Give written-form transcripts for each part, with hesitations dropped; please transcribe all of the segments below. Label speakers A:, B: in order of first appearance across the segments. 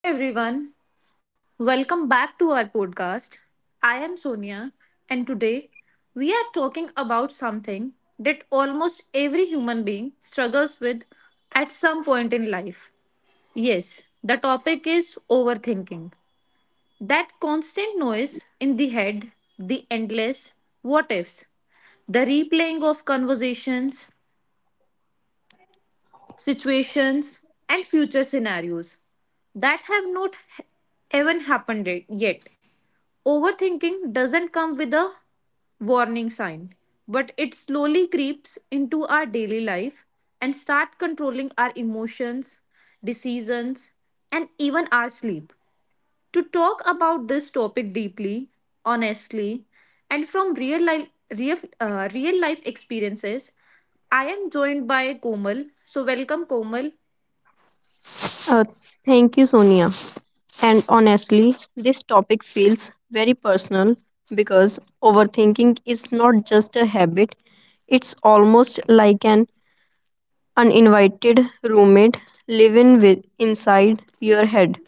A: Hello, everyone. Welcome back to our podcast. I am Sonia, and today we are talking about something that almost every human being struggles with at some point in life. Yes, the topic is overthinking. That constant noise in the head, the endless what ifs, the replaying of conversations, situations, and future scenarios that have not even happened yet. Overthinking doesn't come with a warning sign, but it slowly creeps into our daily life and start controlling our emotions, decisions, and even our sleep. To talk about this topic deeply, honestly, and from real life, real life experiences, I am joined by Komal. So, welcome, Komal.
B: Uh, Thank you, Sonia. And honestly, this topic feels very personal because overthinking is not just a habit, it's almost like an uninvited roommate living with inside your head.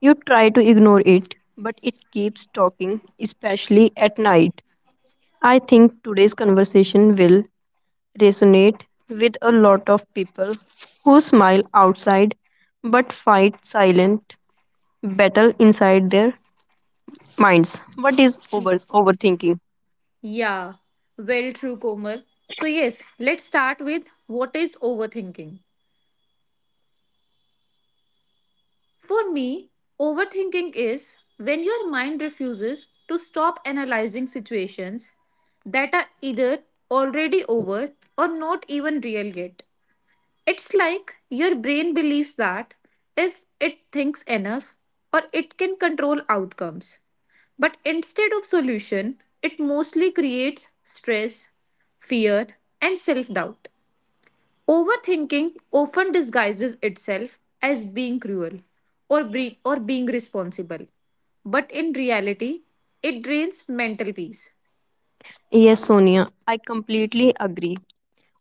B: You try to ignore it, but it keeps talking, especially at night. I think today's conversation will resonate with a lot of people who smile outside but fight silent battle inside their minds. What is
A: Y-
B: overthinking?
A: Yeah, well, true, Komal. So, yes, let's start with what is overthinking. For me, overthinking is when your mind refuses to stop analyzing situations that are either already over or not even real yet. It's like your brain believes that if it thinks enough or it can control outcomes. But instead of solution, it mostly creates stress, fear, and self doubt. Overthinking often disguises itself as being cruel or being responsible, but in reality, it drains mental peace.
B: Yes, Sonia, I completely agree.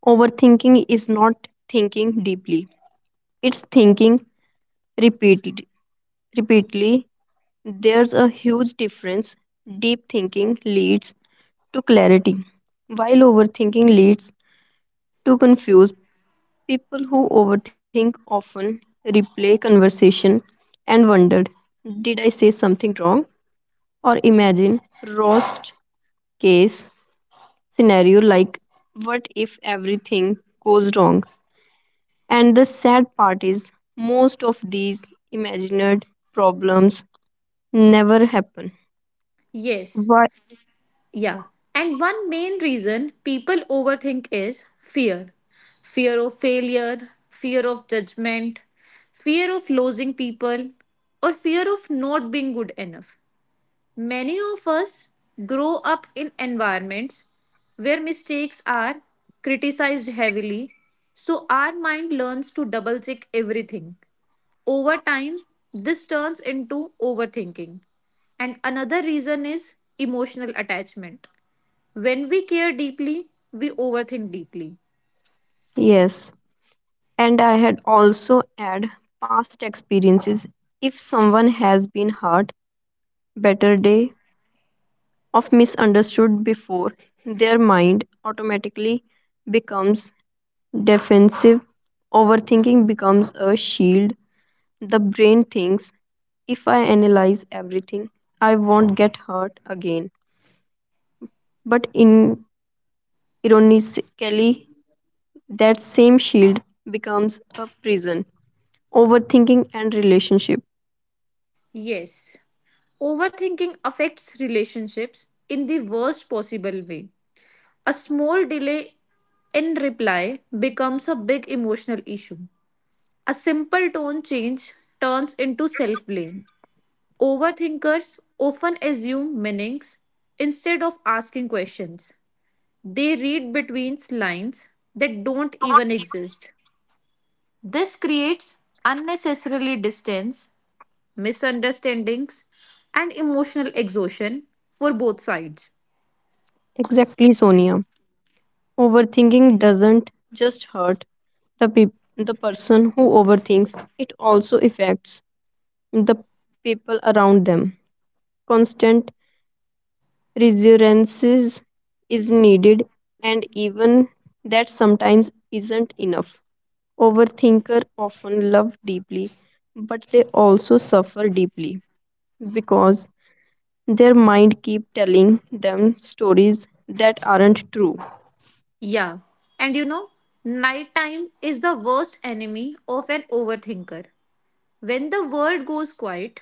B: Overthinking is not thinking deeply. It's thinking repeatedly. Repeatedly, there's a huge difference. Deep thinking leads to clarity, while overthinking leads to confusion. People who overthink often replay conversation and wondered, did I say something wrong? Or imagine roast case scenario like what if everything goes wrong? And the sad part is, most of these imagined problems never happen.
A: Yes,
B: Why?
A: yeah. And one main reason people overthink is fear fear of failure, fear of judgment, fear of losing people, or fear of not being good enough. Many of us grow up in environments where mistakes are criticized heavily, so our mind learns to double check everything. Over time, this turns into overthinking. And another reason is emotional attachment. When we care deeply, we overthink deeply.
B: Yes. And I had also add past experiences. If someone has been hurt, better day of misunderstood before, their mind automatically becomes defensive. Overthinking becomes a shield. The brain thinks if I analyze everything, I won't get hurt again. But in ironically, that same shield becomes a prison. Overthinking and relationship.
A: Yes, overthinking affects relationships in the worst possible way. A small delay in reply becomes a big emotional issue. A simple tone change turns into self blame. Overthinkers often assume meanings instead of asking questions. They read between lines that don't even exist. This creates unnecessarily distance misunderstandings, and emotional exhaustion for both sides.
B: Exactly, Sonia. Overthinking doesn't just hurt the person who overthinks. It also affects the people around them. Constant reassurances is needed and even that sometimes isn't enough. Overthinker often love deeply but they also suffer deeply because their mind keep telling them stories that aren't true.
A: Yeah, and you know, nighttime is the worst enemy of an overthinker. When the world goes quiet,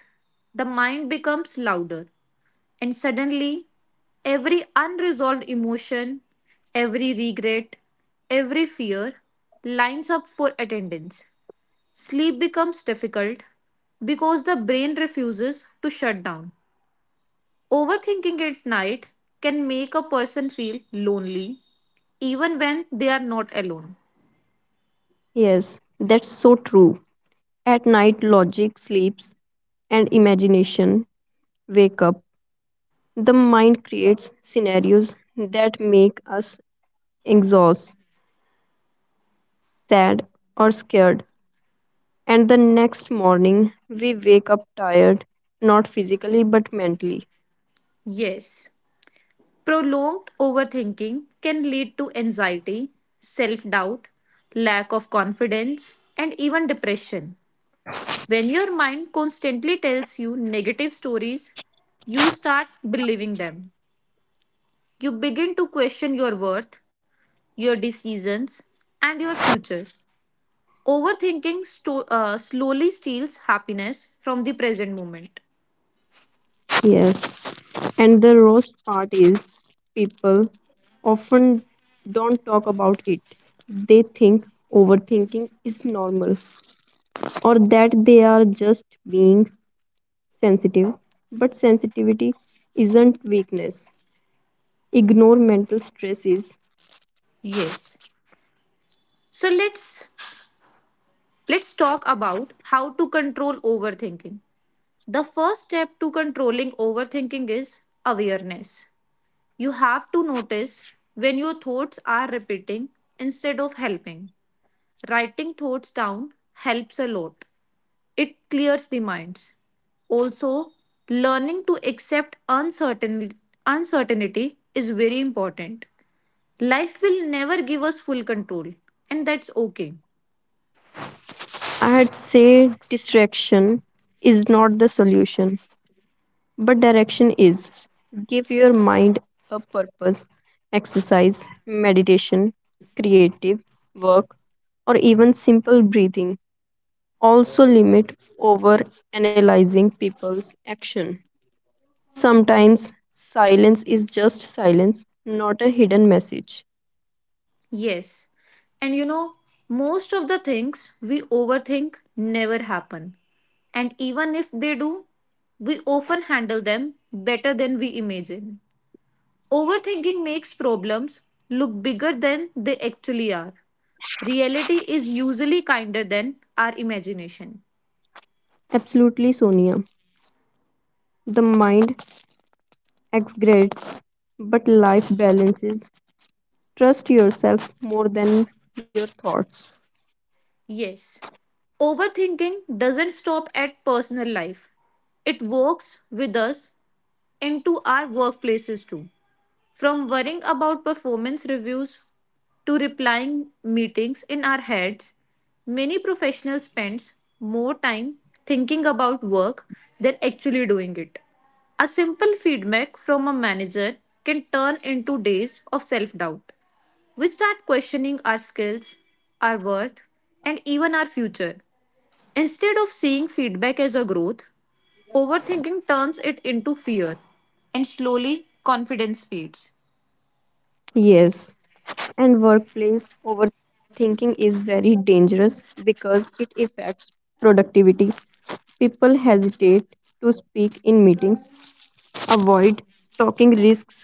A: the mind becomes louder, and suddenly, every unresolved emotion, every regret, every fear lines up for attendance. Sleep becomes difficult because the brain refuses to shut down. Overthinking at night can make a person feel lonely even when they are not alone.
B: Yes, that's so true. At night logic sleeps and imagination wake up. The mind creates scenarios that make us exhausted, sad, or scared. And the next morning, we wake up tired, not physically but mentally.
A: Yes, prolonged overthinking can lead to anxiety, self doubt, lack of confidence, and even depression. When your mind constantly tells you negative stories, you start believing them. You begin to question your worth, your decisions, and your future. Overthinking slowly steals happiness from the present moment.
B: Yes. And the roast part is people often don't talk about it. They think overthinking is normal or that they are just being sensitive. But sensitivity isn't weakness. Ignore mental stresses.
A: Yes. So let's talk about how to control overthinking. The first step to controlling overthinking is awareness. You have to notice when your thoughts are repeating instead of helping. Writing thoughts down helps a lot. It clears the minds. Also, learning to accept uncertainty is very important. Life will never give us full control, and that's okay.
B: I'd say distraction is not the solution, but direction is. Give your mind a purpose, exercise, meditation, creative work, or even simple breathing. Also, limit over analyzing people's action. Sometimes silence is just silence, not a hidden message.
A: Yes. And you know, most of the things we overthink never happen. And even if they do, we often handle them better than we imagine. Overthinking makes problems look bigger than they actually are. Reality is usually kinder than our imagination.
B: Absolutely, Sonia. The mind exaggerates, but life balances. Trust yourself more than your thoughts.
A: Yes. Overthinking doesn't stop at personal life. It works with us into our workplaces too. From worrying about performance reviews to replying meetings in our heads, many professionals spends more time thinking about work than actually doing it. A simple feedback from a manager can turn into days of self-doubt. We start questioning our skills, our worth, and even our future. Instead of seeing feedback as a growth, overthinking turns it into fear, and slowly confidence fades.
B: Yes, and workplace overthinking is very dangerous because it affects productivity. People hesitate to speak in meetings, avoid talking risks,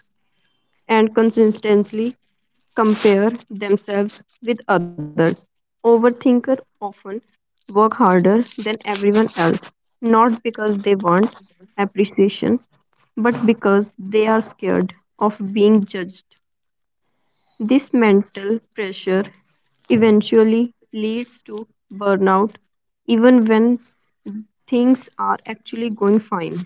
B: and consistently compare themselves with others. Overthinkers often work harder than everyone else, not because they want appreciation, but because they are scared of being judged. This mental pressure eventually leads to burnout, even when things are actually going fine.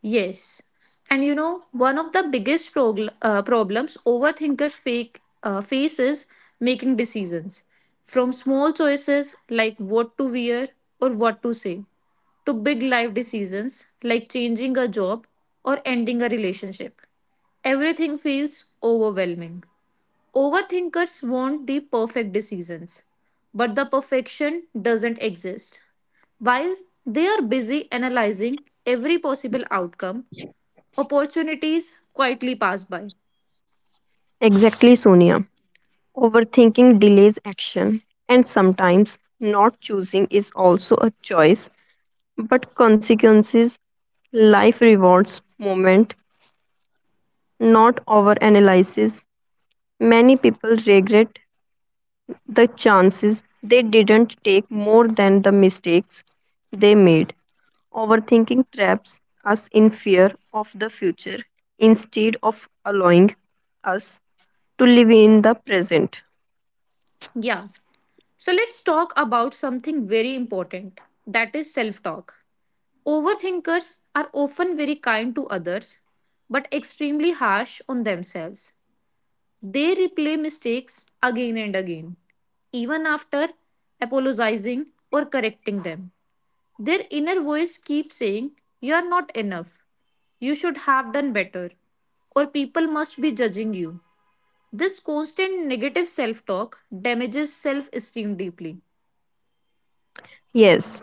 A: Yes. And you know, one of the biggest problems overthinkers face is making decisions. From small choices like what to wear or what to say, to big life decisions like changing a job or ending a relationship. Everything feels overwhelming. Overthinkers want the perfect decisions, but the perfection doesn't exist. While they are busy analyzing every possible outcome, opportunities quietly pass by.
B: Exactly, Sonia. Overthinking delays action, and sometimes not choosing is also a choice, but consequences, life rewards moment, not over analysis. Many people regret the chances they didn't take more than the mistakes they made. Overthinking traps us in fear of the future instead of allowing us to live in the present.
A: Yeah, so let's talk about something very important that is self talk. Overthinkers are often very kind to others but extremely harsh on themselves. They replay mistakes again and again, even after apologizing or correcting them. Their inner voice keeps saying, you are not enough. You should have done better. Or people must be judging you. This constant negative self talk damages self esteem deeply.
B: Yes,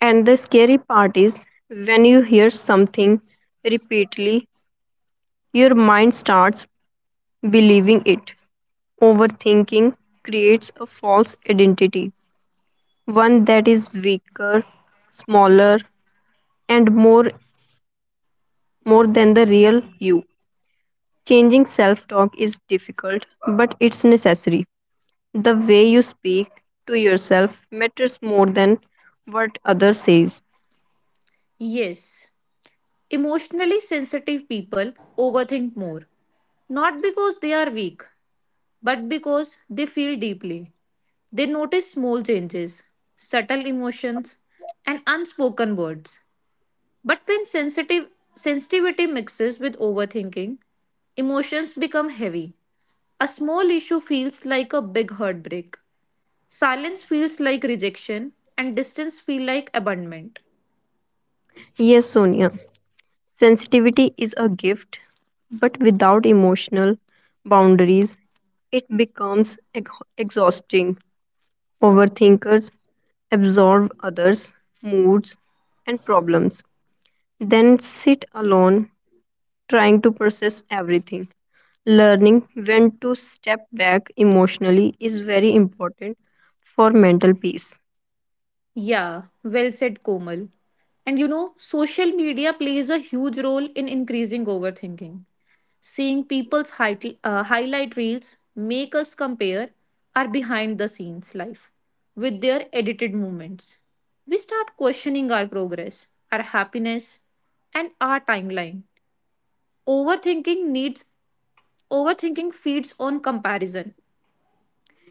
B: and the scary part is when you hear something repeatedly, your mind starts believing it. Overthinking creates a false identity, one that is weaker, smaller, and more than the real you. Changing self talk is difficult, but it's necessary. The way you speak to yourself matters more than what others says.
A: Yes, emotionally sensitive people overthink more, not because they are weak, but because they feel deeply. They notice small changes, subtle emotions, and unspoken words. But when sensitive sensitivity mixes with overthinking, emotions become heavy. A small issue feels like a big heartbreak. Silence feels like rejection and distance feel like abandonment.
B: Yes, Sonia, sensitivity is a gift, but without emotional boundaries, it becomes exhausting. Overthinkers absorb others' moods and problems, then sit alone trying to process everything. Learning when to step back emotionally is very important for mental peace.
A: Yeah, well said Komal. And you know, social media plays a huge role in increasing overthinking. Seeing people's highlight reels make us compare our behind the scenes life with their edited moments. We start questioning our progress, our happiness, and our timeline. Overthinking needs overthinking feeds on comparison.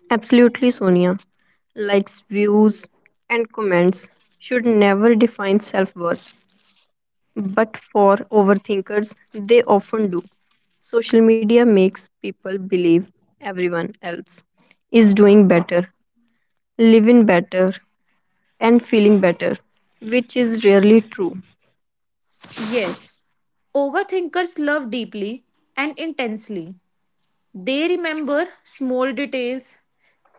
B: Absolutely, Sonia. Likes, views, and comments should never define self worth, but for overthinkers, they often do. Social media makes people believe everyone else is doing better, living better, and feeling better, which is rarely true.
A: Yes, overthinkers love deeply and intensely. They remember small details,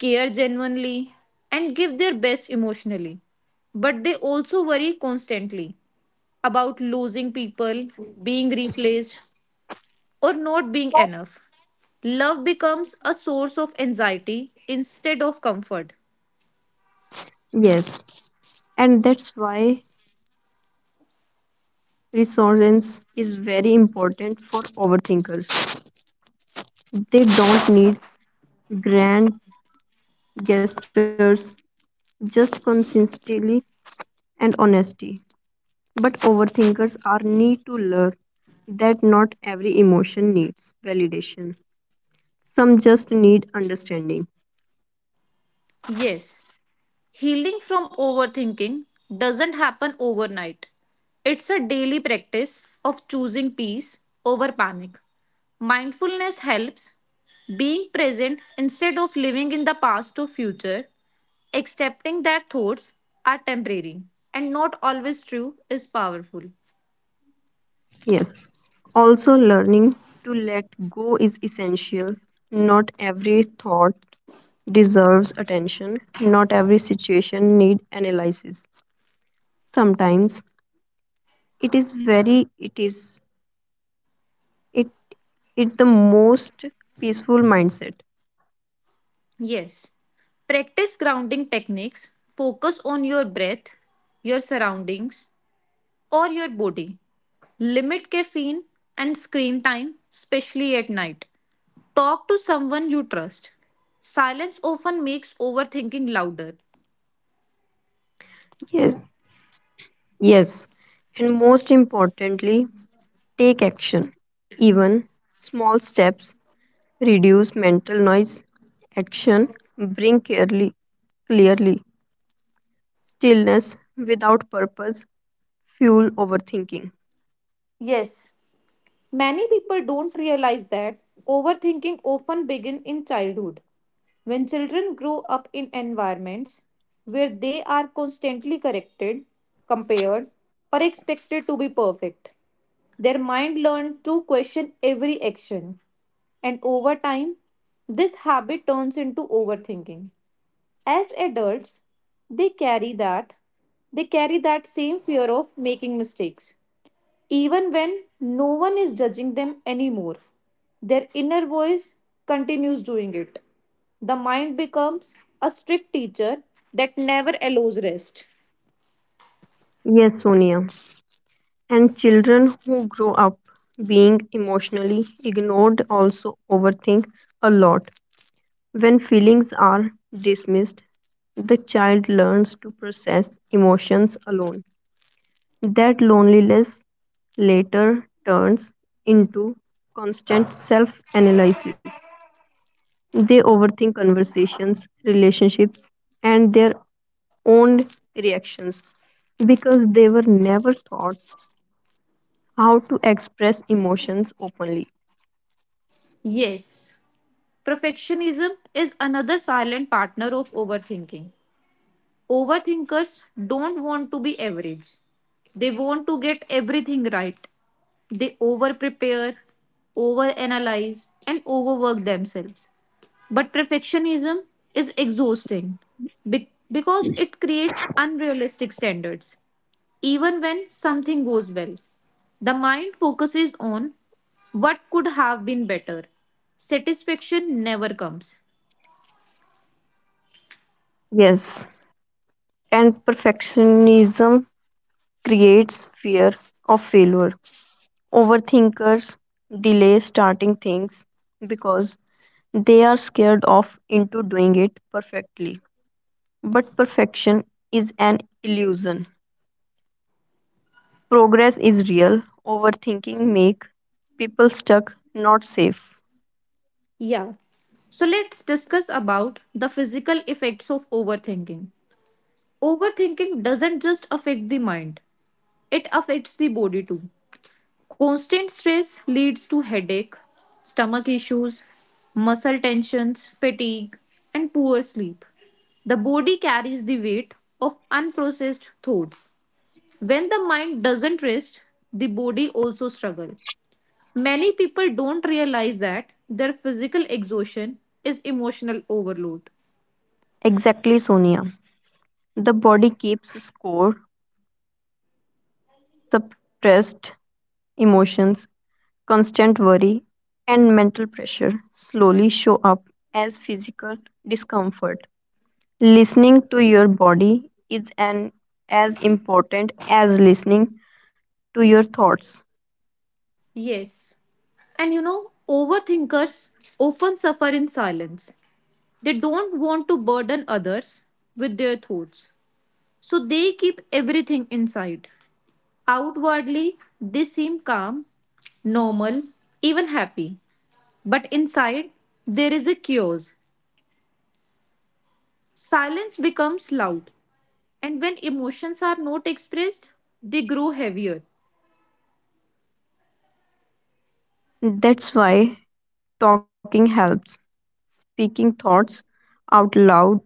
A: care genuinely, and give their best emotionally. But they also worry constantly about losing people, being replaced, or not being enough. Love becomes a source of anxiety instead of comfort.
B: Yes, and that's why resonance is very important for overthinkers. They don't need grand gestures, just consistency and honesty. But overthinkers are need to learn that not every emotion needs validation. Some just need understanding.
A: Yes, healing from overthinking doesn't happen overnight. It's a daily practice of choosing peace over panic. Mindfulness helps being present instead of living in the past or future, accepting that thoughts are temporary and not always true is powerful.
B: Yes. Also, learning to let go is essential. Not every thought deserves attention. Not every situation need analysis. Sometimes it is very it is it it the most peaceful mindset.
A: Yes. Practice grounding techniques. Focus on your breath, your surroundings, or your body. Limit caffeine and screen time, especially at night. Talk to someone you trust. Silence often makes overthinking louder.
B: Yes. Yes. And most importantly, take action. Even small steps reduce mental noise. Action bring clearly. Stillness without purpose fuel overthinking.
A: Yes, many people don't realize that overthinking often begins in childhood. When children grow up in environments where they are constantly corrected, compared, or expected to be perfect, their mind learns to question every action. And over time, this habit turns into overthinking. As adults, they carry that they carry that same fear of making mistakes. Even when no one is judging them anymore, their inner voice continues doing it. The mind becomes a strict teacher that never allows rest.
B: Yes, Sonia. And children who grow up being emotionally ignored also overthink a lot. When feelings are dismissed, the child learns to process emotions alone. That loneliness later turns into constant self analysis. They overthink conversations, relationships, and their own reactions because they were never taught how to express emotions openly.
A: Yes, perfectionism is another silent partner of overthinking. Overthinkers don't want to be average. They want to get everything right. They over prepare, over analyze, and overwork themselves. But perfectionism is exhausting because it creates unrealistic standards. Even when something goes well, the mind focuses on what could have been better. Satisfaction never comes.
B: Yes, and perfectionism creates fear of failure. Overthinkers delay starting things because they are scared of into doing it perfectly. But perfection is an illusion. Progress is real. Overthinking make people stuck, not safe.
A: Yeah. So let's discuss about the physical effects of overthinking. Overthinking doesn't just affect the mind, it affects the body too. Constant stress leads to headache, stomach issues, muscle tensions, fatigue, and poor sleep. The body carries the weight of unprocessed thoughts. When the mind doesn't rest, the body also struggles. Many people don't realize that their physical exhaustion is emotional overload.
B: Exactly, Sonia. The body keeps score, suppressed emotions, constant worry, and mental pressure slowly show up as physical discomfort. Listening to your body is an as important as listening to your thoughts.
A: Yes. And you know, overthinkers often suffer in silence. They don't want to burden others with their thoughts. So they keep everything inside. Outwardly, they seem calm, normal, even happy. But inside, there is a chaos. Silence becomes loud. And when emotions are not expressed, they grow heavier.
B: That's why talking helps. Speaking thoughts out loud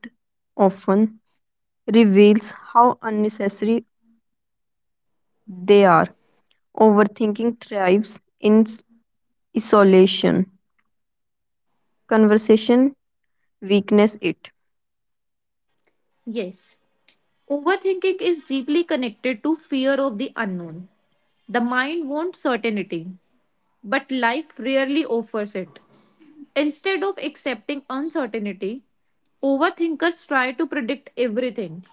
B: often reveals how unnecessary they are. Overthinking thrives in isolation conversation weakness it.
A: Yes, overthinking is deeply connected to fear of the unknown. The mind wants certainty, but life rarely offers it. Instead of accepting uncertainty, overthinkers try to predict everything.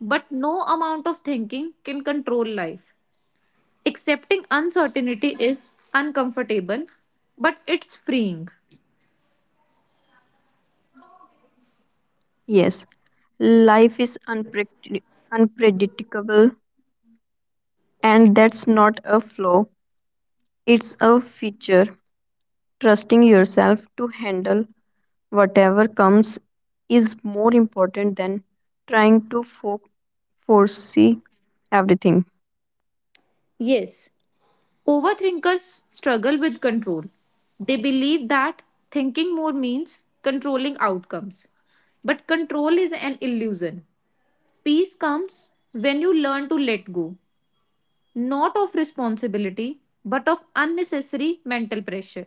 A: But no amount of thinking can control life. Accepting uncertainty is uncomfortable, but it's freeing.
B: Yes, life is unpredictable, and that's not a flaw, it's a feature. Trusting yourself to handle whatever comes is more important than trying to foresee everything.
A: Yes, overthinkers struggle with control. They believe that thinking more means controlling outcomes. But control is an illusion. Peace comes when you learn to let go, not of responsibility, but of unnecessary mental pressure.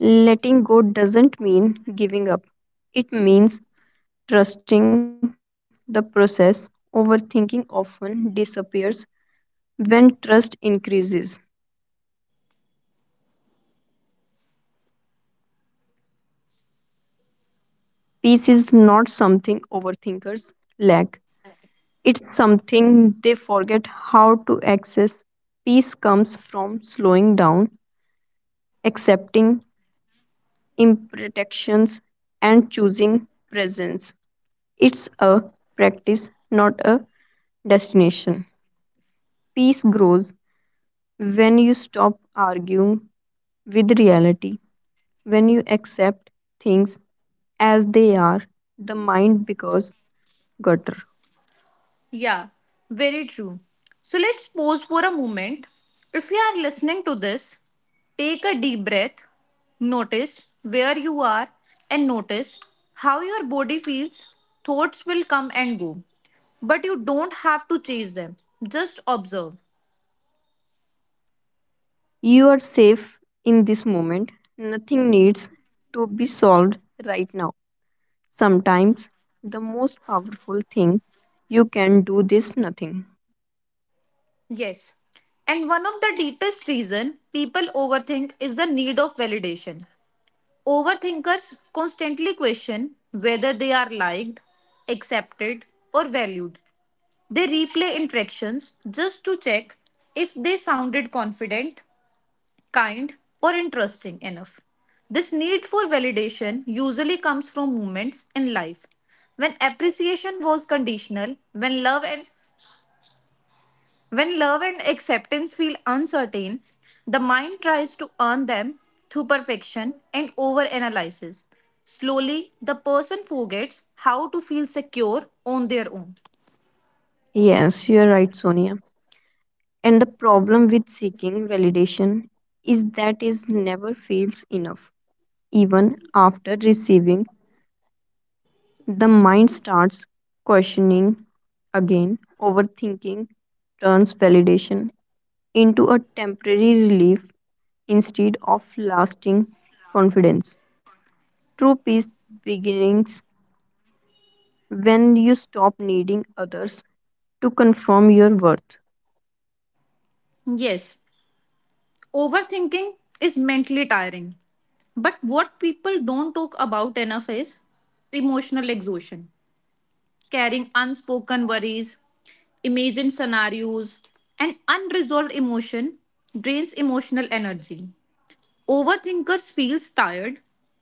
B: Letting go doesn't mean giving up, it means trusting the process. Overthinking often disappears when trust increases. Peace is not something overthinkers lack, it's something they forget how to access. Peace comes from slowing down, accepting imperfections, and choosing presence. It's a practice, not a destination. Peace grows when you stop arguing with reality, when you accept things as they are, the mind becomes gutter.
A: Yeah, very true. So let's pause for a moment. If you are listening to this, take a deep breath, notice where you are, and notice how your body feels. Thoughts will come and go, but you don't have to chase them, just observe.
B: You are safe in this moment. Nothing needs to be solved right now. Sometimes the most powerful thing you can do is nothing.
A: Yes. And one of the deepest reason people overthink is the need of validation. Overthinkers constantly question whether they are liked, accepted, or valued. They replay interactions just to check if they sounded confident, kind, or interesting enough. This need for validation usually comes from moments in life when appreciation was conditional, when love and acceptance feel uncertain, the mind tries to earn them through perfection and overanalysis. Slowly, the person forgets how to feel secure on their own.
B: Yes, you are right, Sonia. And the problem with seeking validation is that it never feels enough. Even after receiving, the mind starts questioning again. Overthinking turns validation into a temporary relief instead of lasting confidence. True peace begins when you stop needing others to confirm your worth.
A: Yes, overthinking is mentally tiring, but what people don't talk about enough is emotional exhaustion, carrying unspoken worries, imagined scenarios, and unresolved emotion drains emotional energy. Overthinkers feel tired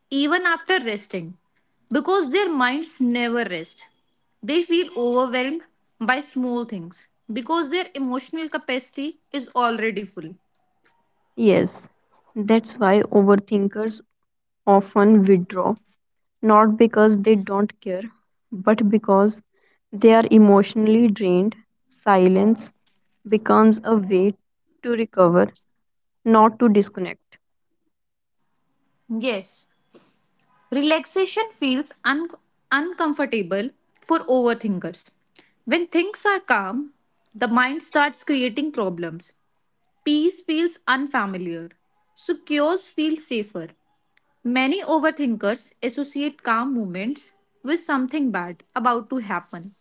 A: even after resting because their minds never rest. They feel overwhelmed by small things because their emotional capacity is already full.
B: Yes, that's why overthinkers often withdraw, not because they don't care, but because they are emotionally drained. Silence becomes a way to recover, not to disconnect.
A: Yes. Relaxation feels uncomfortable for overthinkers. When things are calm, the mind starts creating problems. Peace feels unfamiliar. So chaos feels safer. Many overthinkers associate calm moments with something bad about to happen.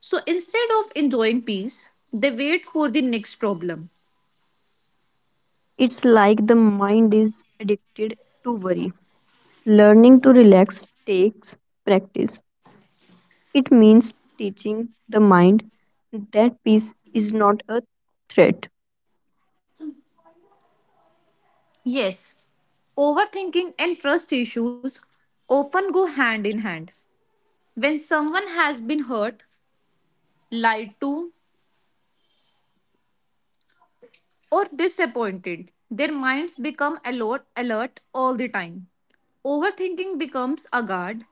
A: So instead of enjoying peace, they wait for the next problem.
B: It's like the mind is addicted to worry. Learning to relax takes practice. It means teaching the mind that peace is not a threat.
A: Yes, overthinking and trust issues often go hand in hand. When someone has been hurt, lied to, or disappointed, their minds become alert all the time. Overthinking becomes a guard,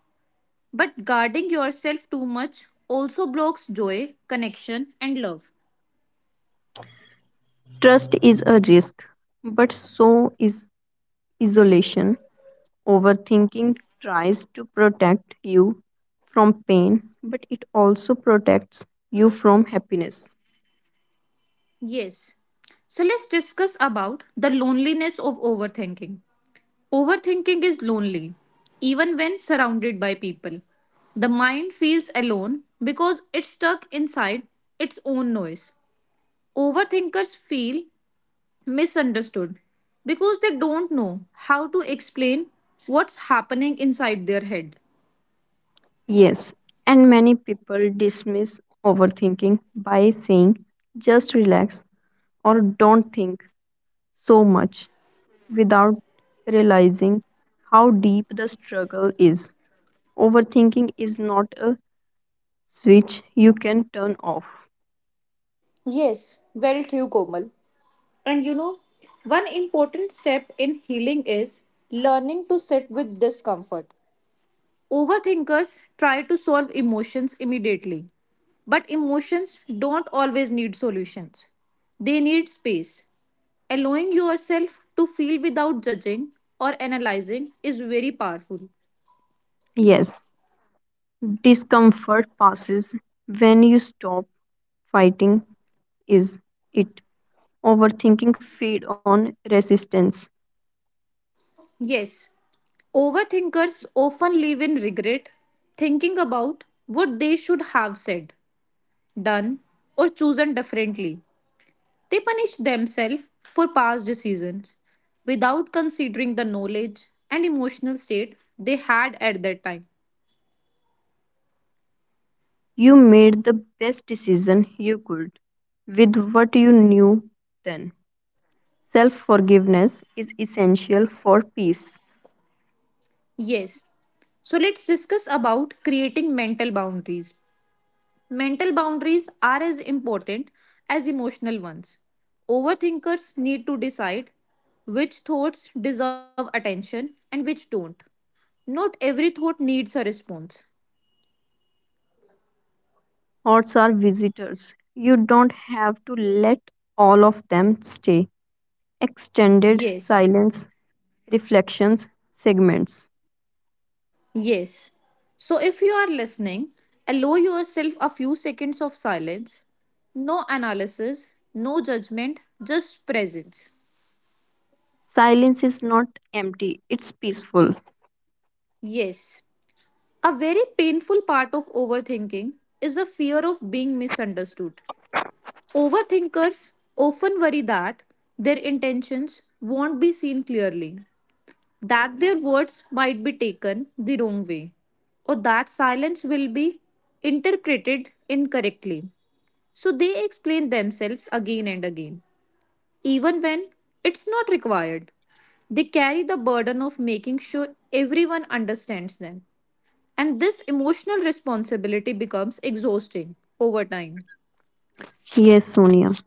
A: but guarding yourself too much also blocks joy, connection, and love.
B: Trust is a risk, but so is isolation. Overthinking tries to protect you from pain, but it also protects you from happiness.
A: Yes. So let's discuss about the loneliness of overthinking. Overthinking is lonely, even when surrounded by people. The mind feels alone because it's stuck inside its own noise. Overthinkers feel misunderstood because they don't know how to explain what's happening inside their head.
B: Yes, and many people dismiss overthinking by saying just relax or don't think so much, without realizing how deep the struggle is. Overthinking is not a switch you can turn off.
A: Yes, very true, Komal. And you know, one important step in healing is learning to sit with discomfort. Overthinkers try to solve emotions immediately. But emotions don't always need solutions. They need space. Allowing yourself to feel without judging or analyzing is very powerful.
B: Yes, discomfort passes when you stop fighting is it. Overthinking feed on resistance.
A: Yes, overthinkers often live in regret, thinking about what they should have said, done, or chosen differently. They punish themselves for past decisions without considering the knowledge and emotional state they had at that time.
B: You made the best decision you could with what you knew then. Self forgiveness is essential for peace.
A: Yes, so let's discuss about creating mental boundaries. Mental boundaries are as important as emotional ones. Overthinkers need to decide which thoughts deserve attention and which don't. Not every thought needs a response.
B: Hordes are visitors. You don't have to let all of them stay. Extended
A: Yes.
B: silence, reflections, segments.
A: Yes. So if you are listening, allow yourself a few seconds of silence. No analysis, no judgment, just presence.
B: Silence is not empty, it's peaceful.
A: Yes. A very painful part of overthinking is the fear of being misunderstood. Overthinkers often worry that their intentions won't be seen clearly, that their words might be taken the wrong way, or that silence will be interpreted incorrectly. So they explain themselves again and again, even when it's not required. They carry the burden of making sure everyone understands them. And this emotional responsibility becomes exhausting over time.
B: Yes, Sonia.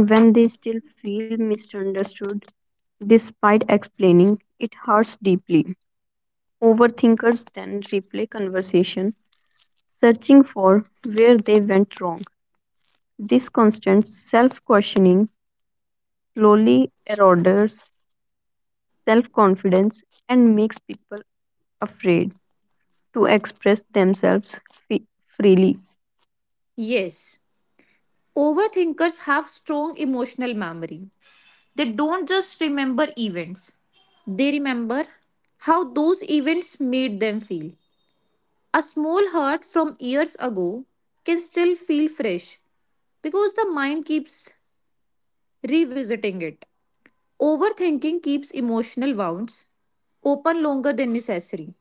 B: And when they still feel misunderstood, despite explaining, it hurts deeply. Overthinkers then replay conversation, searching for where they went wrong. This constant self questioning slowly erodes self confidence and makes people afraid to express themselves freely.
A: Yes, overthinkers have strong emotional memory. They don't just remember events, they remember how those events made them feel. A small hurt from years ago can still feel fresh because the mind keeps revisiting it. Overthinking keeps emotional wounds open longer than necessary.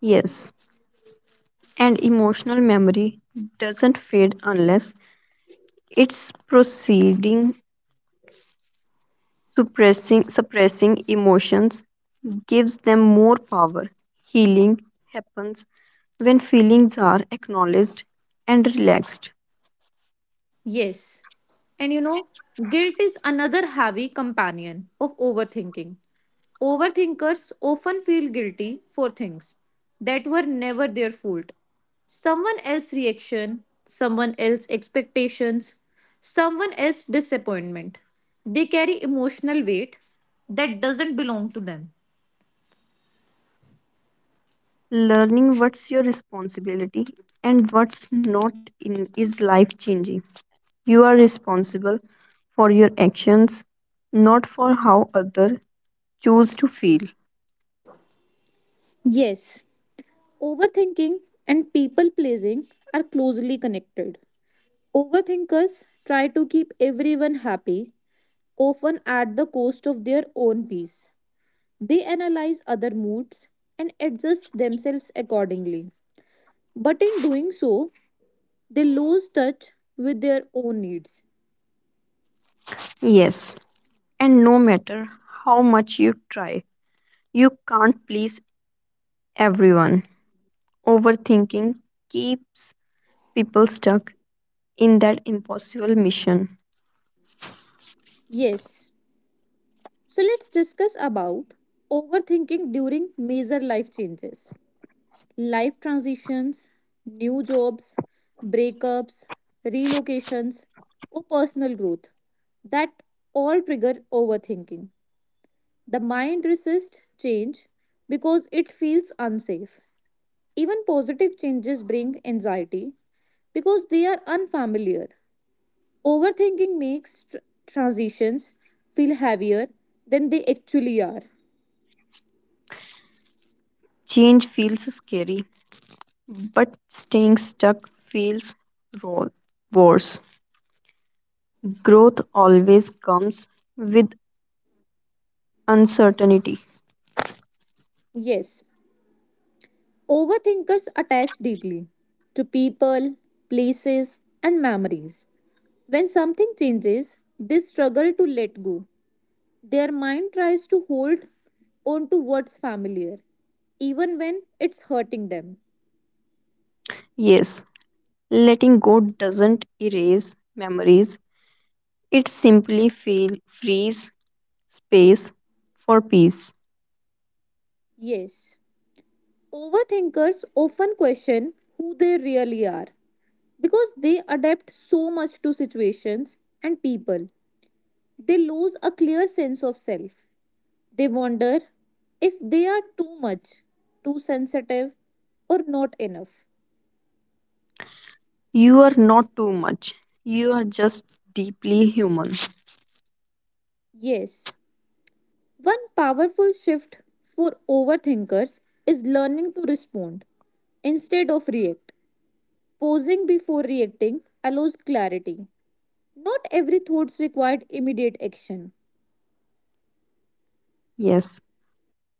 B: Yes, and emotional memory doesn't fade unless it's proceeding suppressing emotions gives them more power. Healing happens when feelings are acknowledged and relaxed.
A: Yes, and you know, guilt is another heavy companion of overthinking. Overthinkers often feel guilty for things that were never their fault. Someone else's reaction, someone else's expectations, someone else's disappointment. They carry emotional weight that doesn't belong to them.
B: Learning what's your responsibility and what's not in is life changing. You are responsible for your actions, not for how others choose to feel.
A: Yes, overthinking and people pleasing are closely connected. Overthinkers try to keep everyone happy, often at the cost of their own peace. They analyze other moods and adjust themselves accordingly. But in doing so, they lose touch with their own needs.
B: Yes, and no matter how much you try, you can't please everyone. Overthinking keeps people stuck in that impossible mission.
A: Yes. So let's discuss about overthinking during major life changes. Life transitions, new jobs, breakups, relocations, or personal growth that all trigger overthinking. The mind resists change because it feels unsafe. Even positive changes bring anxiety because they are unfamiliar. Overthinking makes transitions feel heavier than they actually are.
B: Change feels scary, but staying stuck feels ro- worse. Growth always comes with uncertainty.
A: Yes, overthinkers attach deeply to people, places, and memories. When something changes, they struggle to let go. Their mind tries to hold on to what's familiar, even when it's hurting them.
B: Yes, letting go doesn't erase memories, it simply frees space for peace.
A: Yes, overthinkers often question who they really are because they adapt so much to situations and people. They lose a clear sense of self. They wonder if they are too much, too sensitive, or not enough.
B: You are not too much, you are just deeply human.
A: Yes, one powerful shift for overthinkers is learning to respond instead of react. Posing before reacting allows clarity. Not every thought required immediate action.
B: Yes,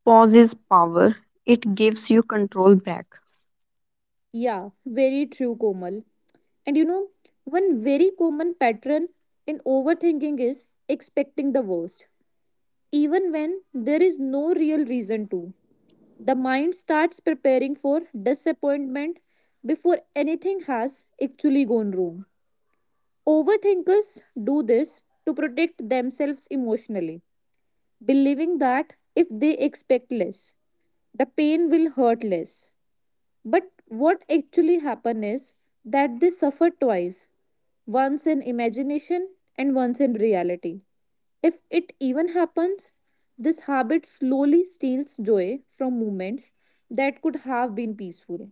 B: pause is power, it gives you control back.
A: Yeah, very true, Komal. And you know, one very common pattern in overthinking is expecting the worst, even when there is no real reason to. The mind starts preparing for disappointment before anything has actually gone wrong. Overthinkers do this to protect themselves emotionally, believing that if they expect less, the pain will hurt less. But what actually happened is that they suffered twice, once in imagination and once in reality. If it even happens, this habit slowly steals joy from moments that could have been peaceful.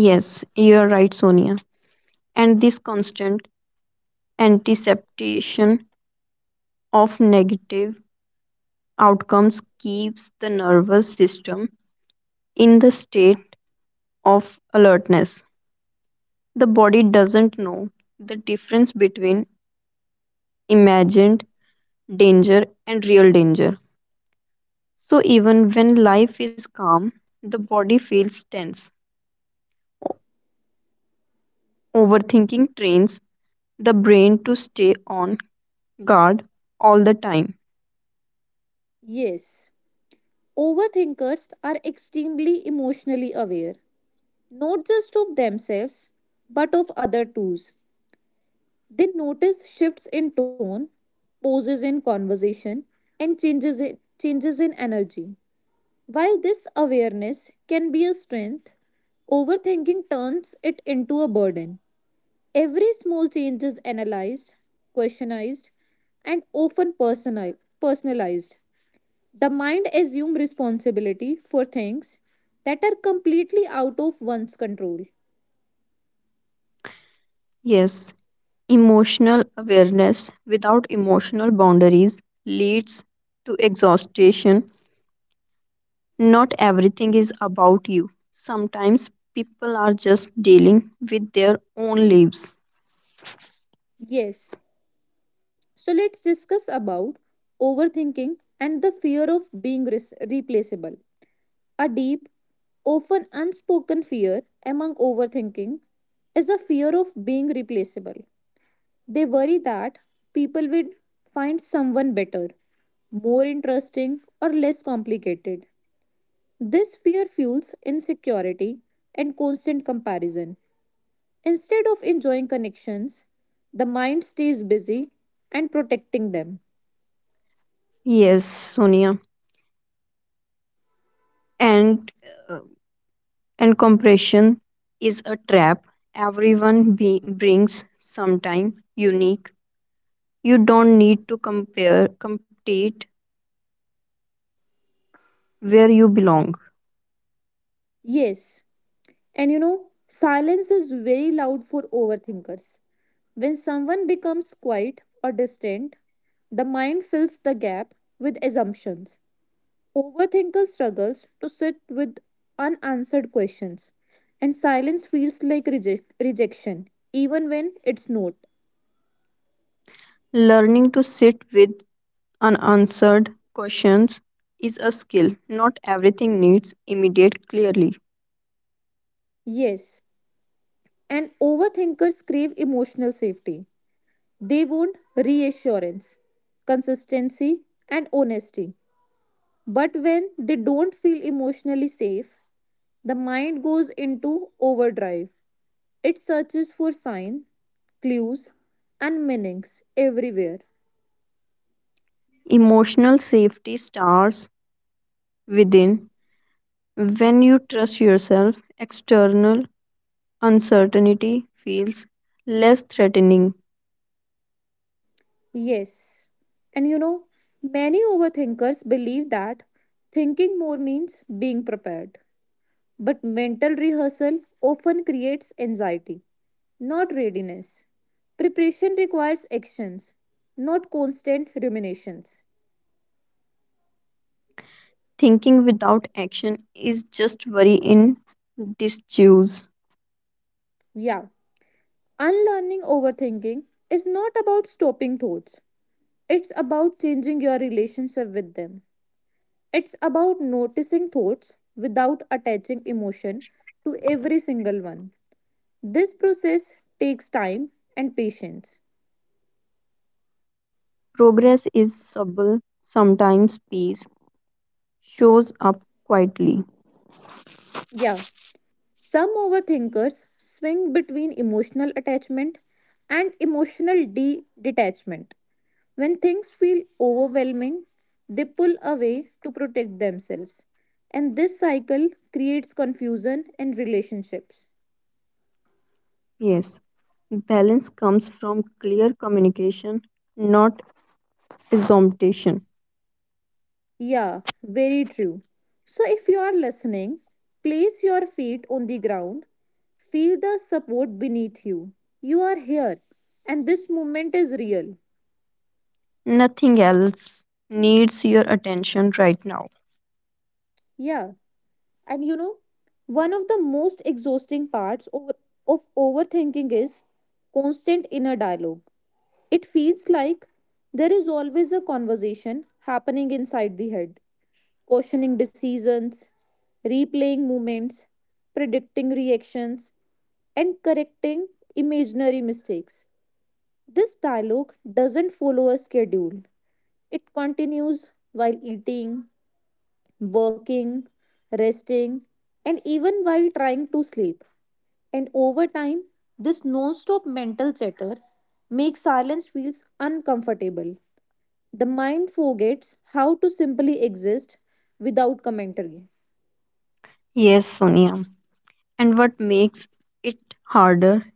B: Yes, you are right, Sonia. And this constant anticipation of negative outcomes keeps the nervous system in the state of alertness. The body doesn't know the difference between imagined danger and real danger. So, even when life is calm, the body feels tense. O- Overthinking trains the brain to stay on guard all the time.
A: Yes, overthinkers are extremely emotionally aware, not just of themselves, but of other too. They notice shifts in tone, pauses in conversation, and changes in energy. While this awareness can be a strength, overthinking turns it into a burden. Every small change is analyzed, questionized, and often personalized. The mind assumes responsibility for things that are completely out of one's control.
B: Yes, emotional awareness without emotional boundaries leads to exhaustion. Not everything is about you. Sometimes people are just dealing with their own lives.
A: Yes, so let's discuss about overthinking and the fear of being replaceable. A deep, often unspoken fear among overthinking is a fear of being replaceable. They worry that people will find someone better, more interesting, or less complicated. This fear fuels insecurity and constant comparison. Instead of enjoying connections, the mind stays busy and protecting them.
B: Yes, Sonia. And uh, and compression is a trap. Everyone brings sometime unique. You don't need to compare, compete where you belong.
A: Yes, and you know, silence is very loud for overthinkers. When someone becomes quiet or distant, the mind fills the gap with assumptions. Overthinker struggles to sit with unanswered questions, and silence feels like rejection, even when it's not.
B: Learning to sit with unanswered questions is a skill. Not everything needs immediate clearly.
A: Yes, and overthinkers crave emotional safety. They want reassurance, consistency, and honesty. But when they don't feel emotionally safe, the mind goes into overdrive. It searches for signs, clues, and meanings everywhere.
B: Emotional safety starts within. When you trust yourself, external uncertainty feels less threatening.
A: Yes. And you know, many overthinkers believe that thinking more means being prepared. But mental rehearsal often creates anxiety, not readiness. Preparation requires actions, not constant ruminations.
B: Thinking without action is just worry in disuse.
A: Yeah. Unlearning overthinking is not about stopping thoughts. It's about changing your relationship with them. It's about noticing thoughts without attaching emotion to every single one. This process takes time and patience.
B: Progress is subtle, sometimes peace shows up quietly.
A: Yeah, some overthinkers swing between emotional attachment and emotional detachment. When things feel overwhelming, they pull away to protect themselves. And this cycle creates confusion in relationships.
B: Yes, balance comes from clear communication, not assumption.
A: Yeah, very true. So, if you are listening, place your feet on the ground, feel the support beneath you. You are here, and this moment is real.
B: Nothing else needs your attention right now.
A: Yeah, and you know, one of the most exhausting parts of overthinking is constant inner dialogue. It feels like there is always a conversation happening inside the head, questioning decisions, replaying movements, predicting reactions, and correcting imaginary mistakes. This dialogue doesn't follow a schedule, it continues while eating, working, resting, and even while trying to sleep. And over time, this non stop mental chatter makes silence feels uncomfortable. The mind forgets how to simply exist without commentary.
B: Yes, Sonia. And what makes it harder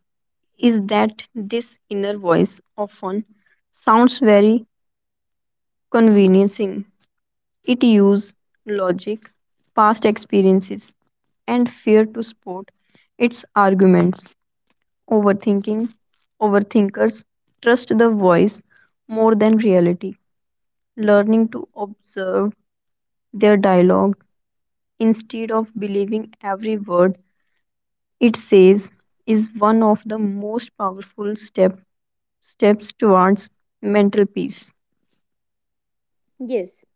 B: is that this inner voice often sounds very convincing. It uses logic, past experiences, and fear to support its arguments. Overthinking, Overthinkers trust the voice more than reality, learning to observe their dialogue instead of believing every word it says is one of the most powerful steps towards mental peace.
A: Yes,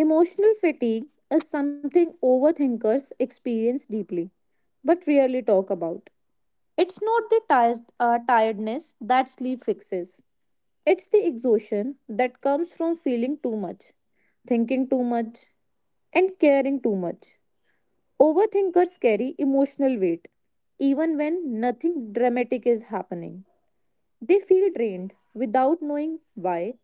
A: emotional fatigue is something overthinkers experience deeply but rarely talk about. It's not the tiredness that sleep fixes, it's the exhaustion that comes from feeling too much, thinking too much, and caring too much. Overthinkers carry emotional weight even when nothing dramatic is happening. They feel drained without knowing why,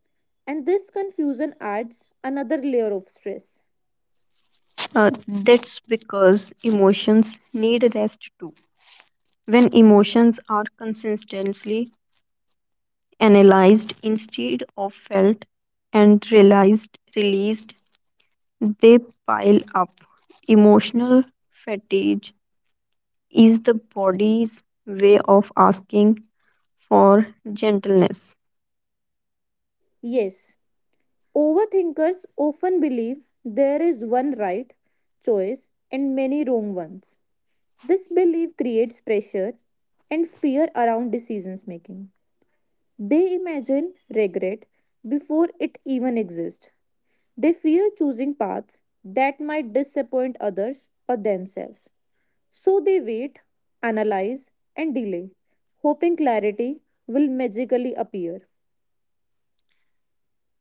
A: and this confusion adds another layer of stress.
B: That's because emotions need rest too. When emotions are consistently analyzed instead of felt and released, they pile up. Emotional fatigue is the body's way of asking for gentleness.
A: Yes, overthinkers often believe there is one right choice and many wrong ones. This belief creates pressure and fear around decisions making. They imagine regret before it even exists. They fear choosing paths that might disappoint others or themselves. So they wait, analyze, and delay, hoping clarity will magically appear.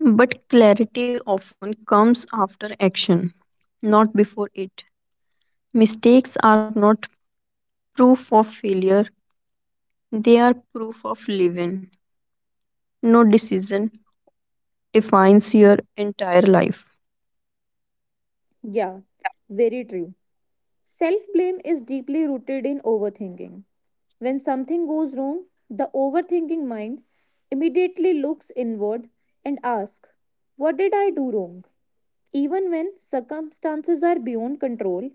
B: But clarity often comes after action, not before it. Mistakes are not proof of failure. They are proof of living. No decision defines your entire life.
A: Yeah, very true. Self blame is deeply rooted in overthinking. When something goes wrong, the overthinking mind immediately looks inward and asks, "What did I do wrong?" Even when circumstances are beyond control,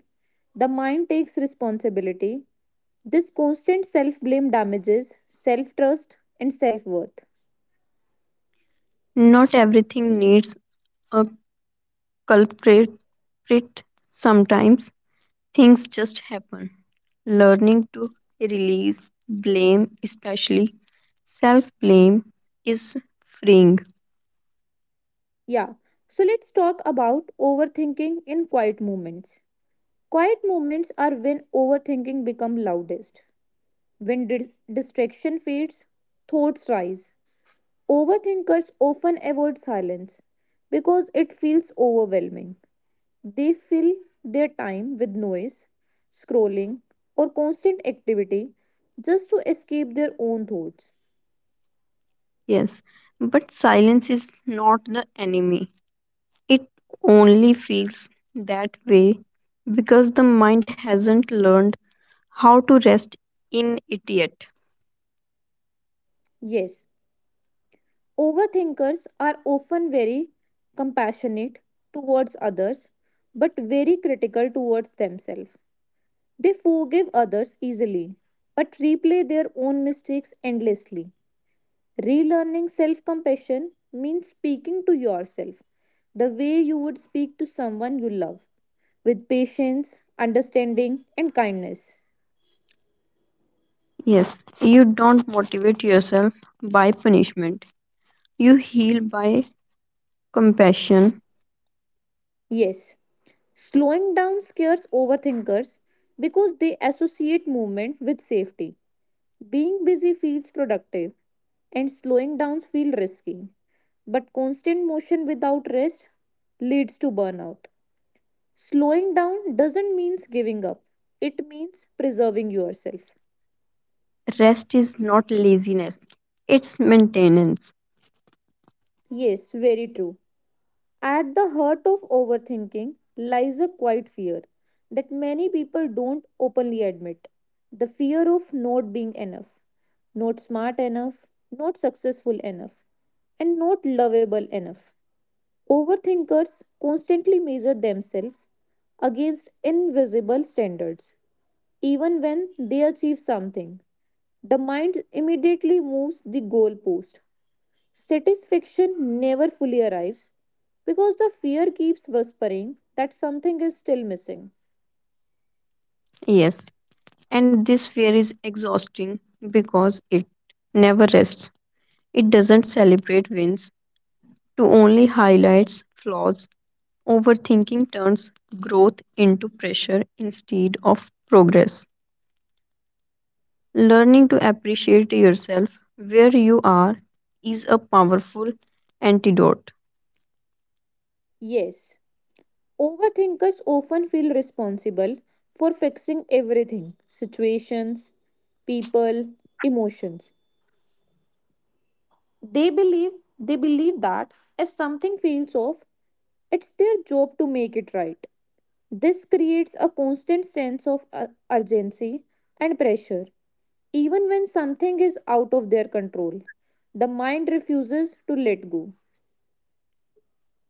A: the mind takes responsibility. This constant self blame damages self trust and self worth.
B: Not everything needs a culprit. Sometimes things just happen. Learning to release blame, especially self blame, is freeing.
A: Yeah. So let's talk about overthinking in quiet moments. Quiet moments are when overthinking become loudest. When distraction fades, thoughts rise. Overthinkers often avoid silence because it feels overwhelming. They fill their time with noise, scrolling, or constant activity just to escape their own thoughts.
B: Yes, but silence is not the enemy. It only feels that way because the mind hasn't learned how to rest in idiot.
A: Yes, overthinkers are often very compassionate towards others but very critical towards themselves. They forgive others easily but replay their own mistakes endlessly. Relearning self compassion means speaking to yourself the way you would speak to someone you love, with patience, understanding, and kindness.
B: Yes, you don't motivate yourself by punishment. You heal by compassion.
A: Yes, slowing down scares overthinkers because they associate movement with safety. Being busy feels productive and slowing down feels risky. But constant motion without rest leads to burnout. Slowing down doesn't mean giving up, it means preserving yourself.
B: Rest is not laziness, it's maintenance.
A: Yes, very true. At the heart of overthinking lies a quiet fear that many people don't openly admit, the fear of not being enough, not smart enough, not successful enough, and not lovable enough. Overthinkers constantly measure themselves against invisible standards. Even when they achieve something, the mind immediately moves the goalpost. Satisfaction never fully arrives because the fear keeps whispering that something is still missing.
B: Yes, and this fear is exhausting because it never rests. It doesn't celebrate wins, to only highlights flaws. Overthinking turns growth into pressure instead of progress. Learning to appreciate yourself where you are is a powerful antidote.
A: Yes, overthinkers often feel responsible for fixing everything, situations, people, emotions. They believe they believe that if something feels off, it's their job to make it right. This creates a constant sense of urgency and pressure, even when something is out of their control. The mind refuses to let go.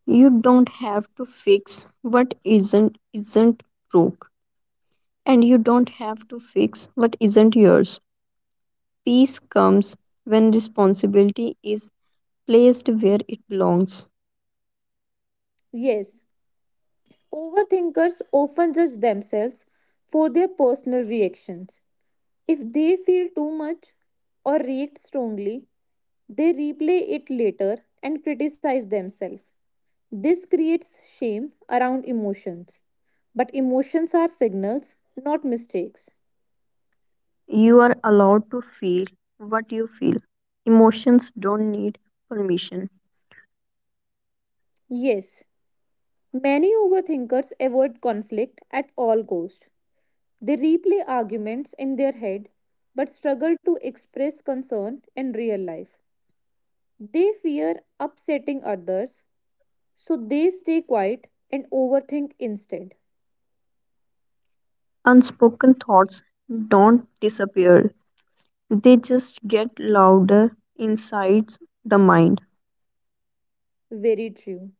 B: You don't have to fix what isn't broke and you don't have to fix what isn't yours. Peace comes when responsibility is placed where it belongs.
A: Yes, overthinkers often judge themselves for their personal reactions. If they feel too much or react strongly, they replay it later and criticize themselves. This creates shame around emotions. But emotions are signals, not mistakes.
B: You are allowed to feel what you feel. Emotions don't need permission.
A: Yes, many overthinkers avoid conflict at all costs. They replay arguments in their head but struggle to express concern in real life. They fear upsetting others, so they stay quiet and overthink instead.
B: Unspoken thoughts don't disappear. They just get louder inside the mind.
A: Very true.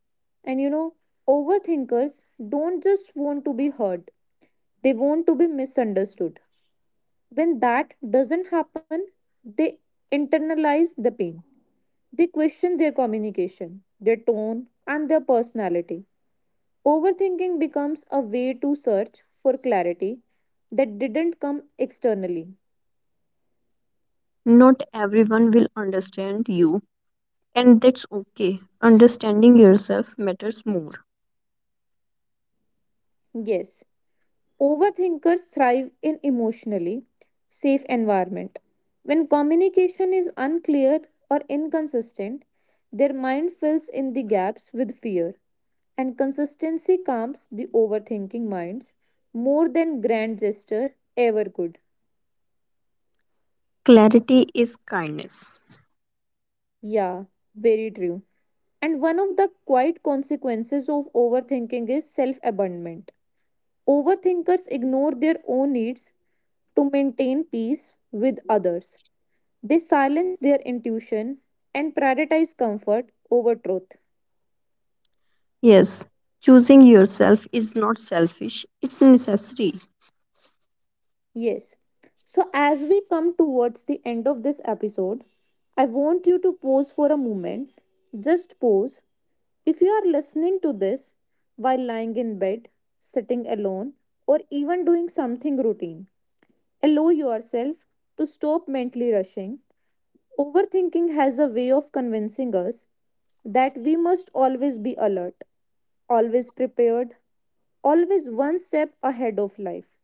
A: And you know, overthinkers don't just want to be heard, they want to be misunderstood. When that doesn't happen, they internalize the pain. They question their communication, their tone, and their personality. Overthinking becomes a way to search for clarity that didn't come externally.
B: Not everyone will understand you, and that's okay. Understanding yourself matters more.
A: Yes, overthinkers thrive in emotionally safe environment. When communication is unclear or inconsistent, their mind fills in the gaps with fear. And consistency calms the overthinking minds more than grand gesture ever could.
B: Clarity is kindness.
A: Yeah, very true. And one of the quiet consequences of overthinking is self abandonment. Overthinkers ignore their own needs to maintain peace with others. They silence their intuition and prioritize comfort over truth.
B: Yes, choosing yourself is not selfish, it's necessary.
A: Yes. So, as we come towards the end of this episode, I want you to pause for a moment. Just pause. If you are listening to this while lying in bed, sitting alone, or even doing something routine, allow yourself to stop mentally rushing. Overthinking has a way of convincing us that we must always be alert, always prepared, always one step ahead of life.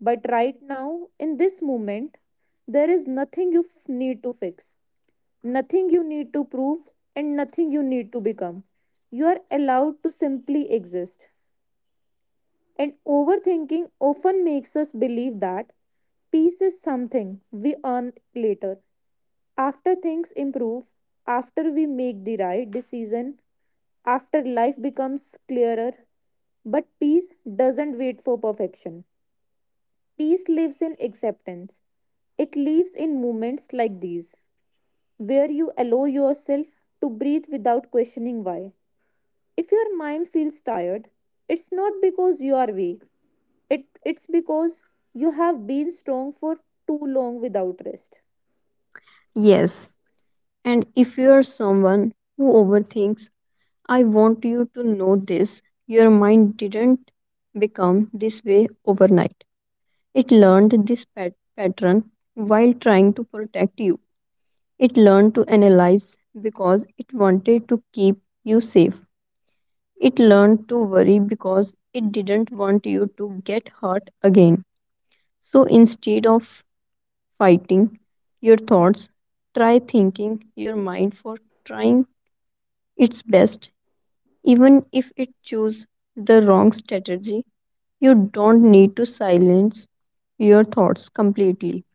A: But right now, in this moment, there is nothing you need to fix, nothing you need to prove, and nothing you need to become. You are allowed to simply exist. And overthinking often makes us believe that peace is something we earn later, after things improve, after we make the right decision, after life becomes clearer. But peace doesn't wait for perfection. Peace lives in acceptance. It lives in moments like these, where you allow yourself to breathe without questioning why. If your mind feels tired, it's not because you are weak. It's because you have been strong for too long without rest.
B: Yes, and if you are someone who overthinks, I want you to know this, your mind didn't become this way overnight. It learned this pattern while trying to protect you. It learned to analyze because it wanted to keep you safe. It learned to worry because it didn't want you to get hurt again. So instead of fighting your thoughts, try thanking your mind for trying its best. Even if it chooses the wrong strategy, you don't need to silence your thoughts completely.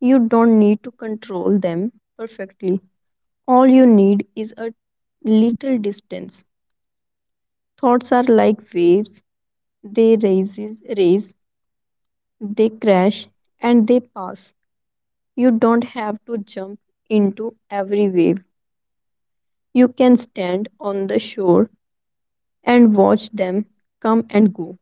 B: You don't need to control them perfectly. All you need is a little distance. Thoughts are like waves. They raise, they crash, and they pass. You don't have to jump into every wave. You can stand on the shore and watch them come and go.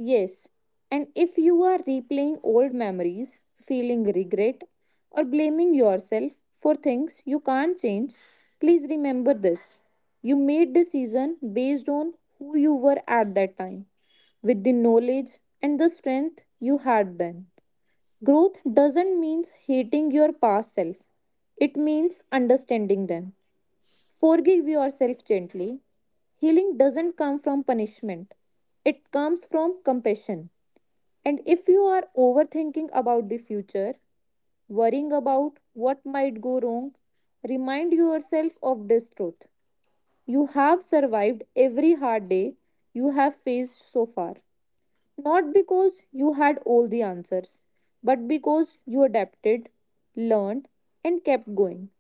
A: Yes, and if you are replaying old memories, feeling regret, or blaming yourself for things you can't change, please remember this. You made decision based on who you were at that time, with the knowledge and the strength you had then. Growth doesn't mean hating your past self. It means understanding them. Forgive yourself gently. Healing doesn't come from punishment. It comes from compassion. And if you are overthinking about the future, worrying about what might go wrong, remind yourself of this truth. You have survived every hard day you have faced so far. Not because you had all the answers, but because you adapted, learned, and kept going.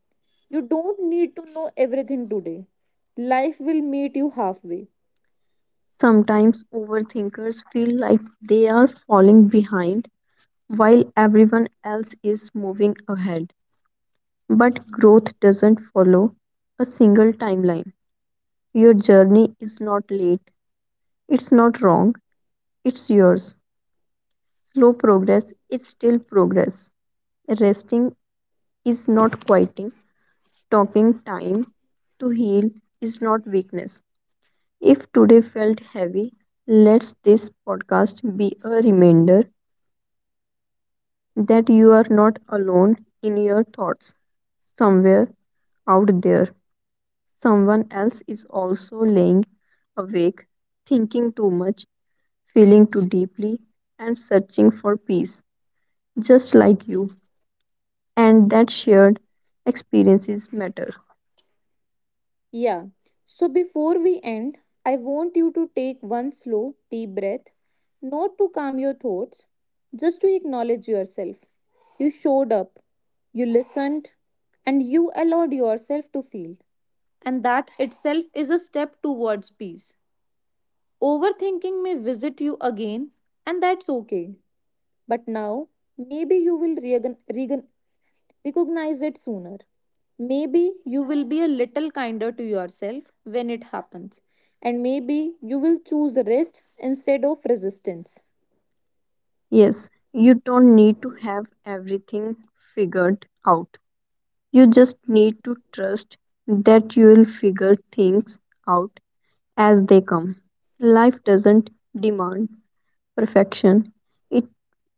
A: You don't need to know everything today. Life will meet you halfway.
B: Sometimes overthinkers feel like they are falling behind while everyone else is moving ahead. But growth doesn't follow a single timeline. Your journey is not late, it's not wrong, it's yours. Slow progress is still progress. Resting is not quieting, talking time to heal is not weakness. If today felt heavy, let this podcast be a reminder that you are not alone in your thoughts. Somewhere out there, someone else is also laying awake, thinking too much, feeling too deeply, and searching for peace, just like you. And that shared experiences matter.
A: Yeah. So before we end, I want you to take one slow, deep breath, not to calm your thoughts, just to acknowledge yourself. You showed up, you listened, and you allowed yourself to feel. And that itself is a step towards peace. Overthinking may visit you again, and that's okay. But now, maybe you will recognize it sooner. Maybe you will be a little kinder to yourself when it happens, and maybe you will choose rest instead of resistance.
B: Yes, you don't need to have everything figured out. You just need to trust that you will figure things out as they come. Life doesn't demand perfection, it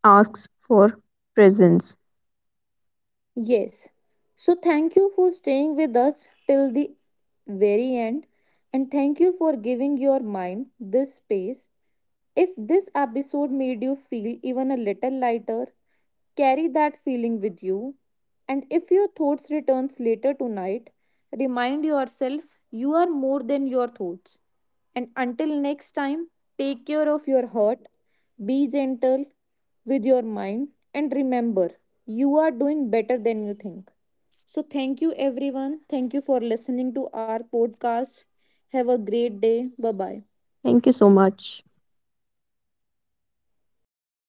B: asks for presence.
A: Yes. So, thank you for staying with us till the very end, and thank you for giving your mind this space. If this episode made you feel even a little lighter, carry that feeling with you. And if your thoughts returns later tonight, remind yourself you are more than your thoughts. And until next time, take care of your heart, be gentle with your mind, and remember, you are doing better than you think. So, thank you everyone. Thank you for listening to our podcast. Have a great day. Bye bye.
B: Thank you so much.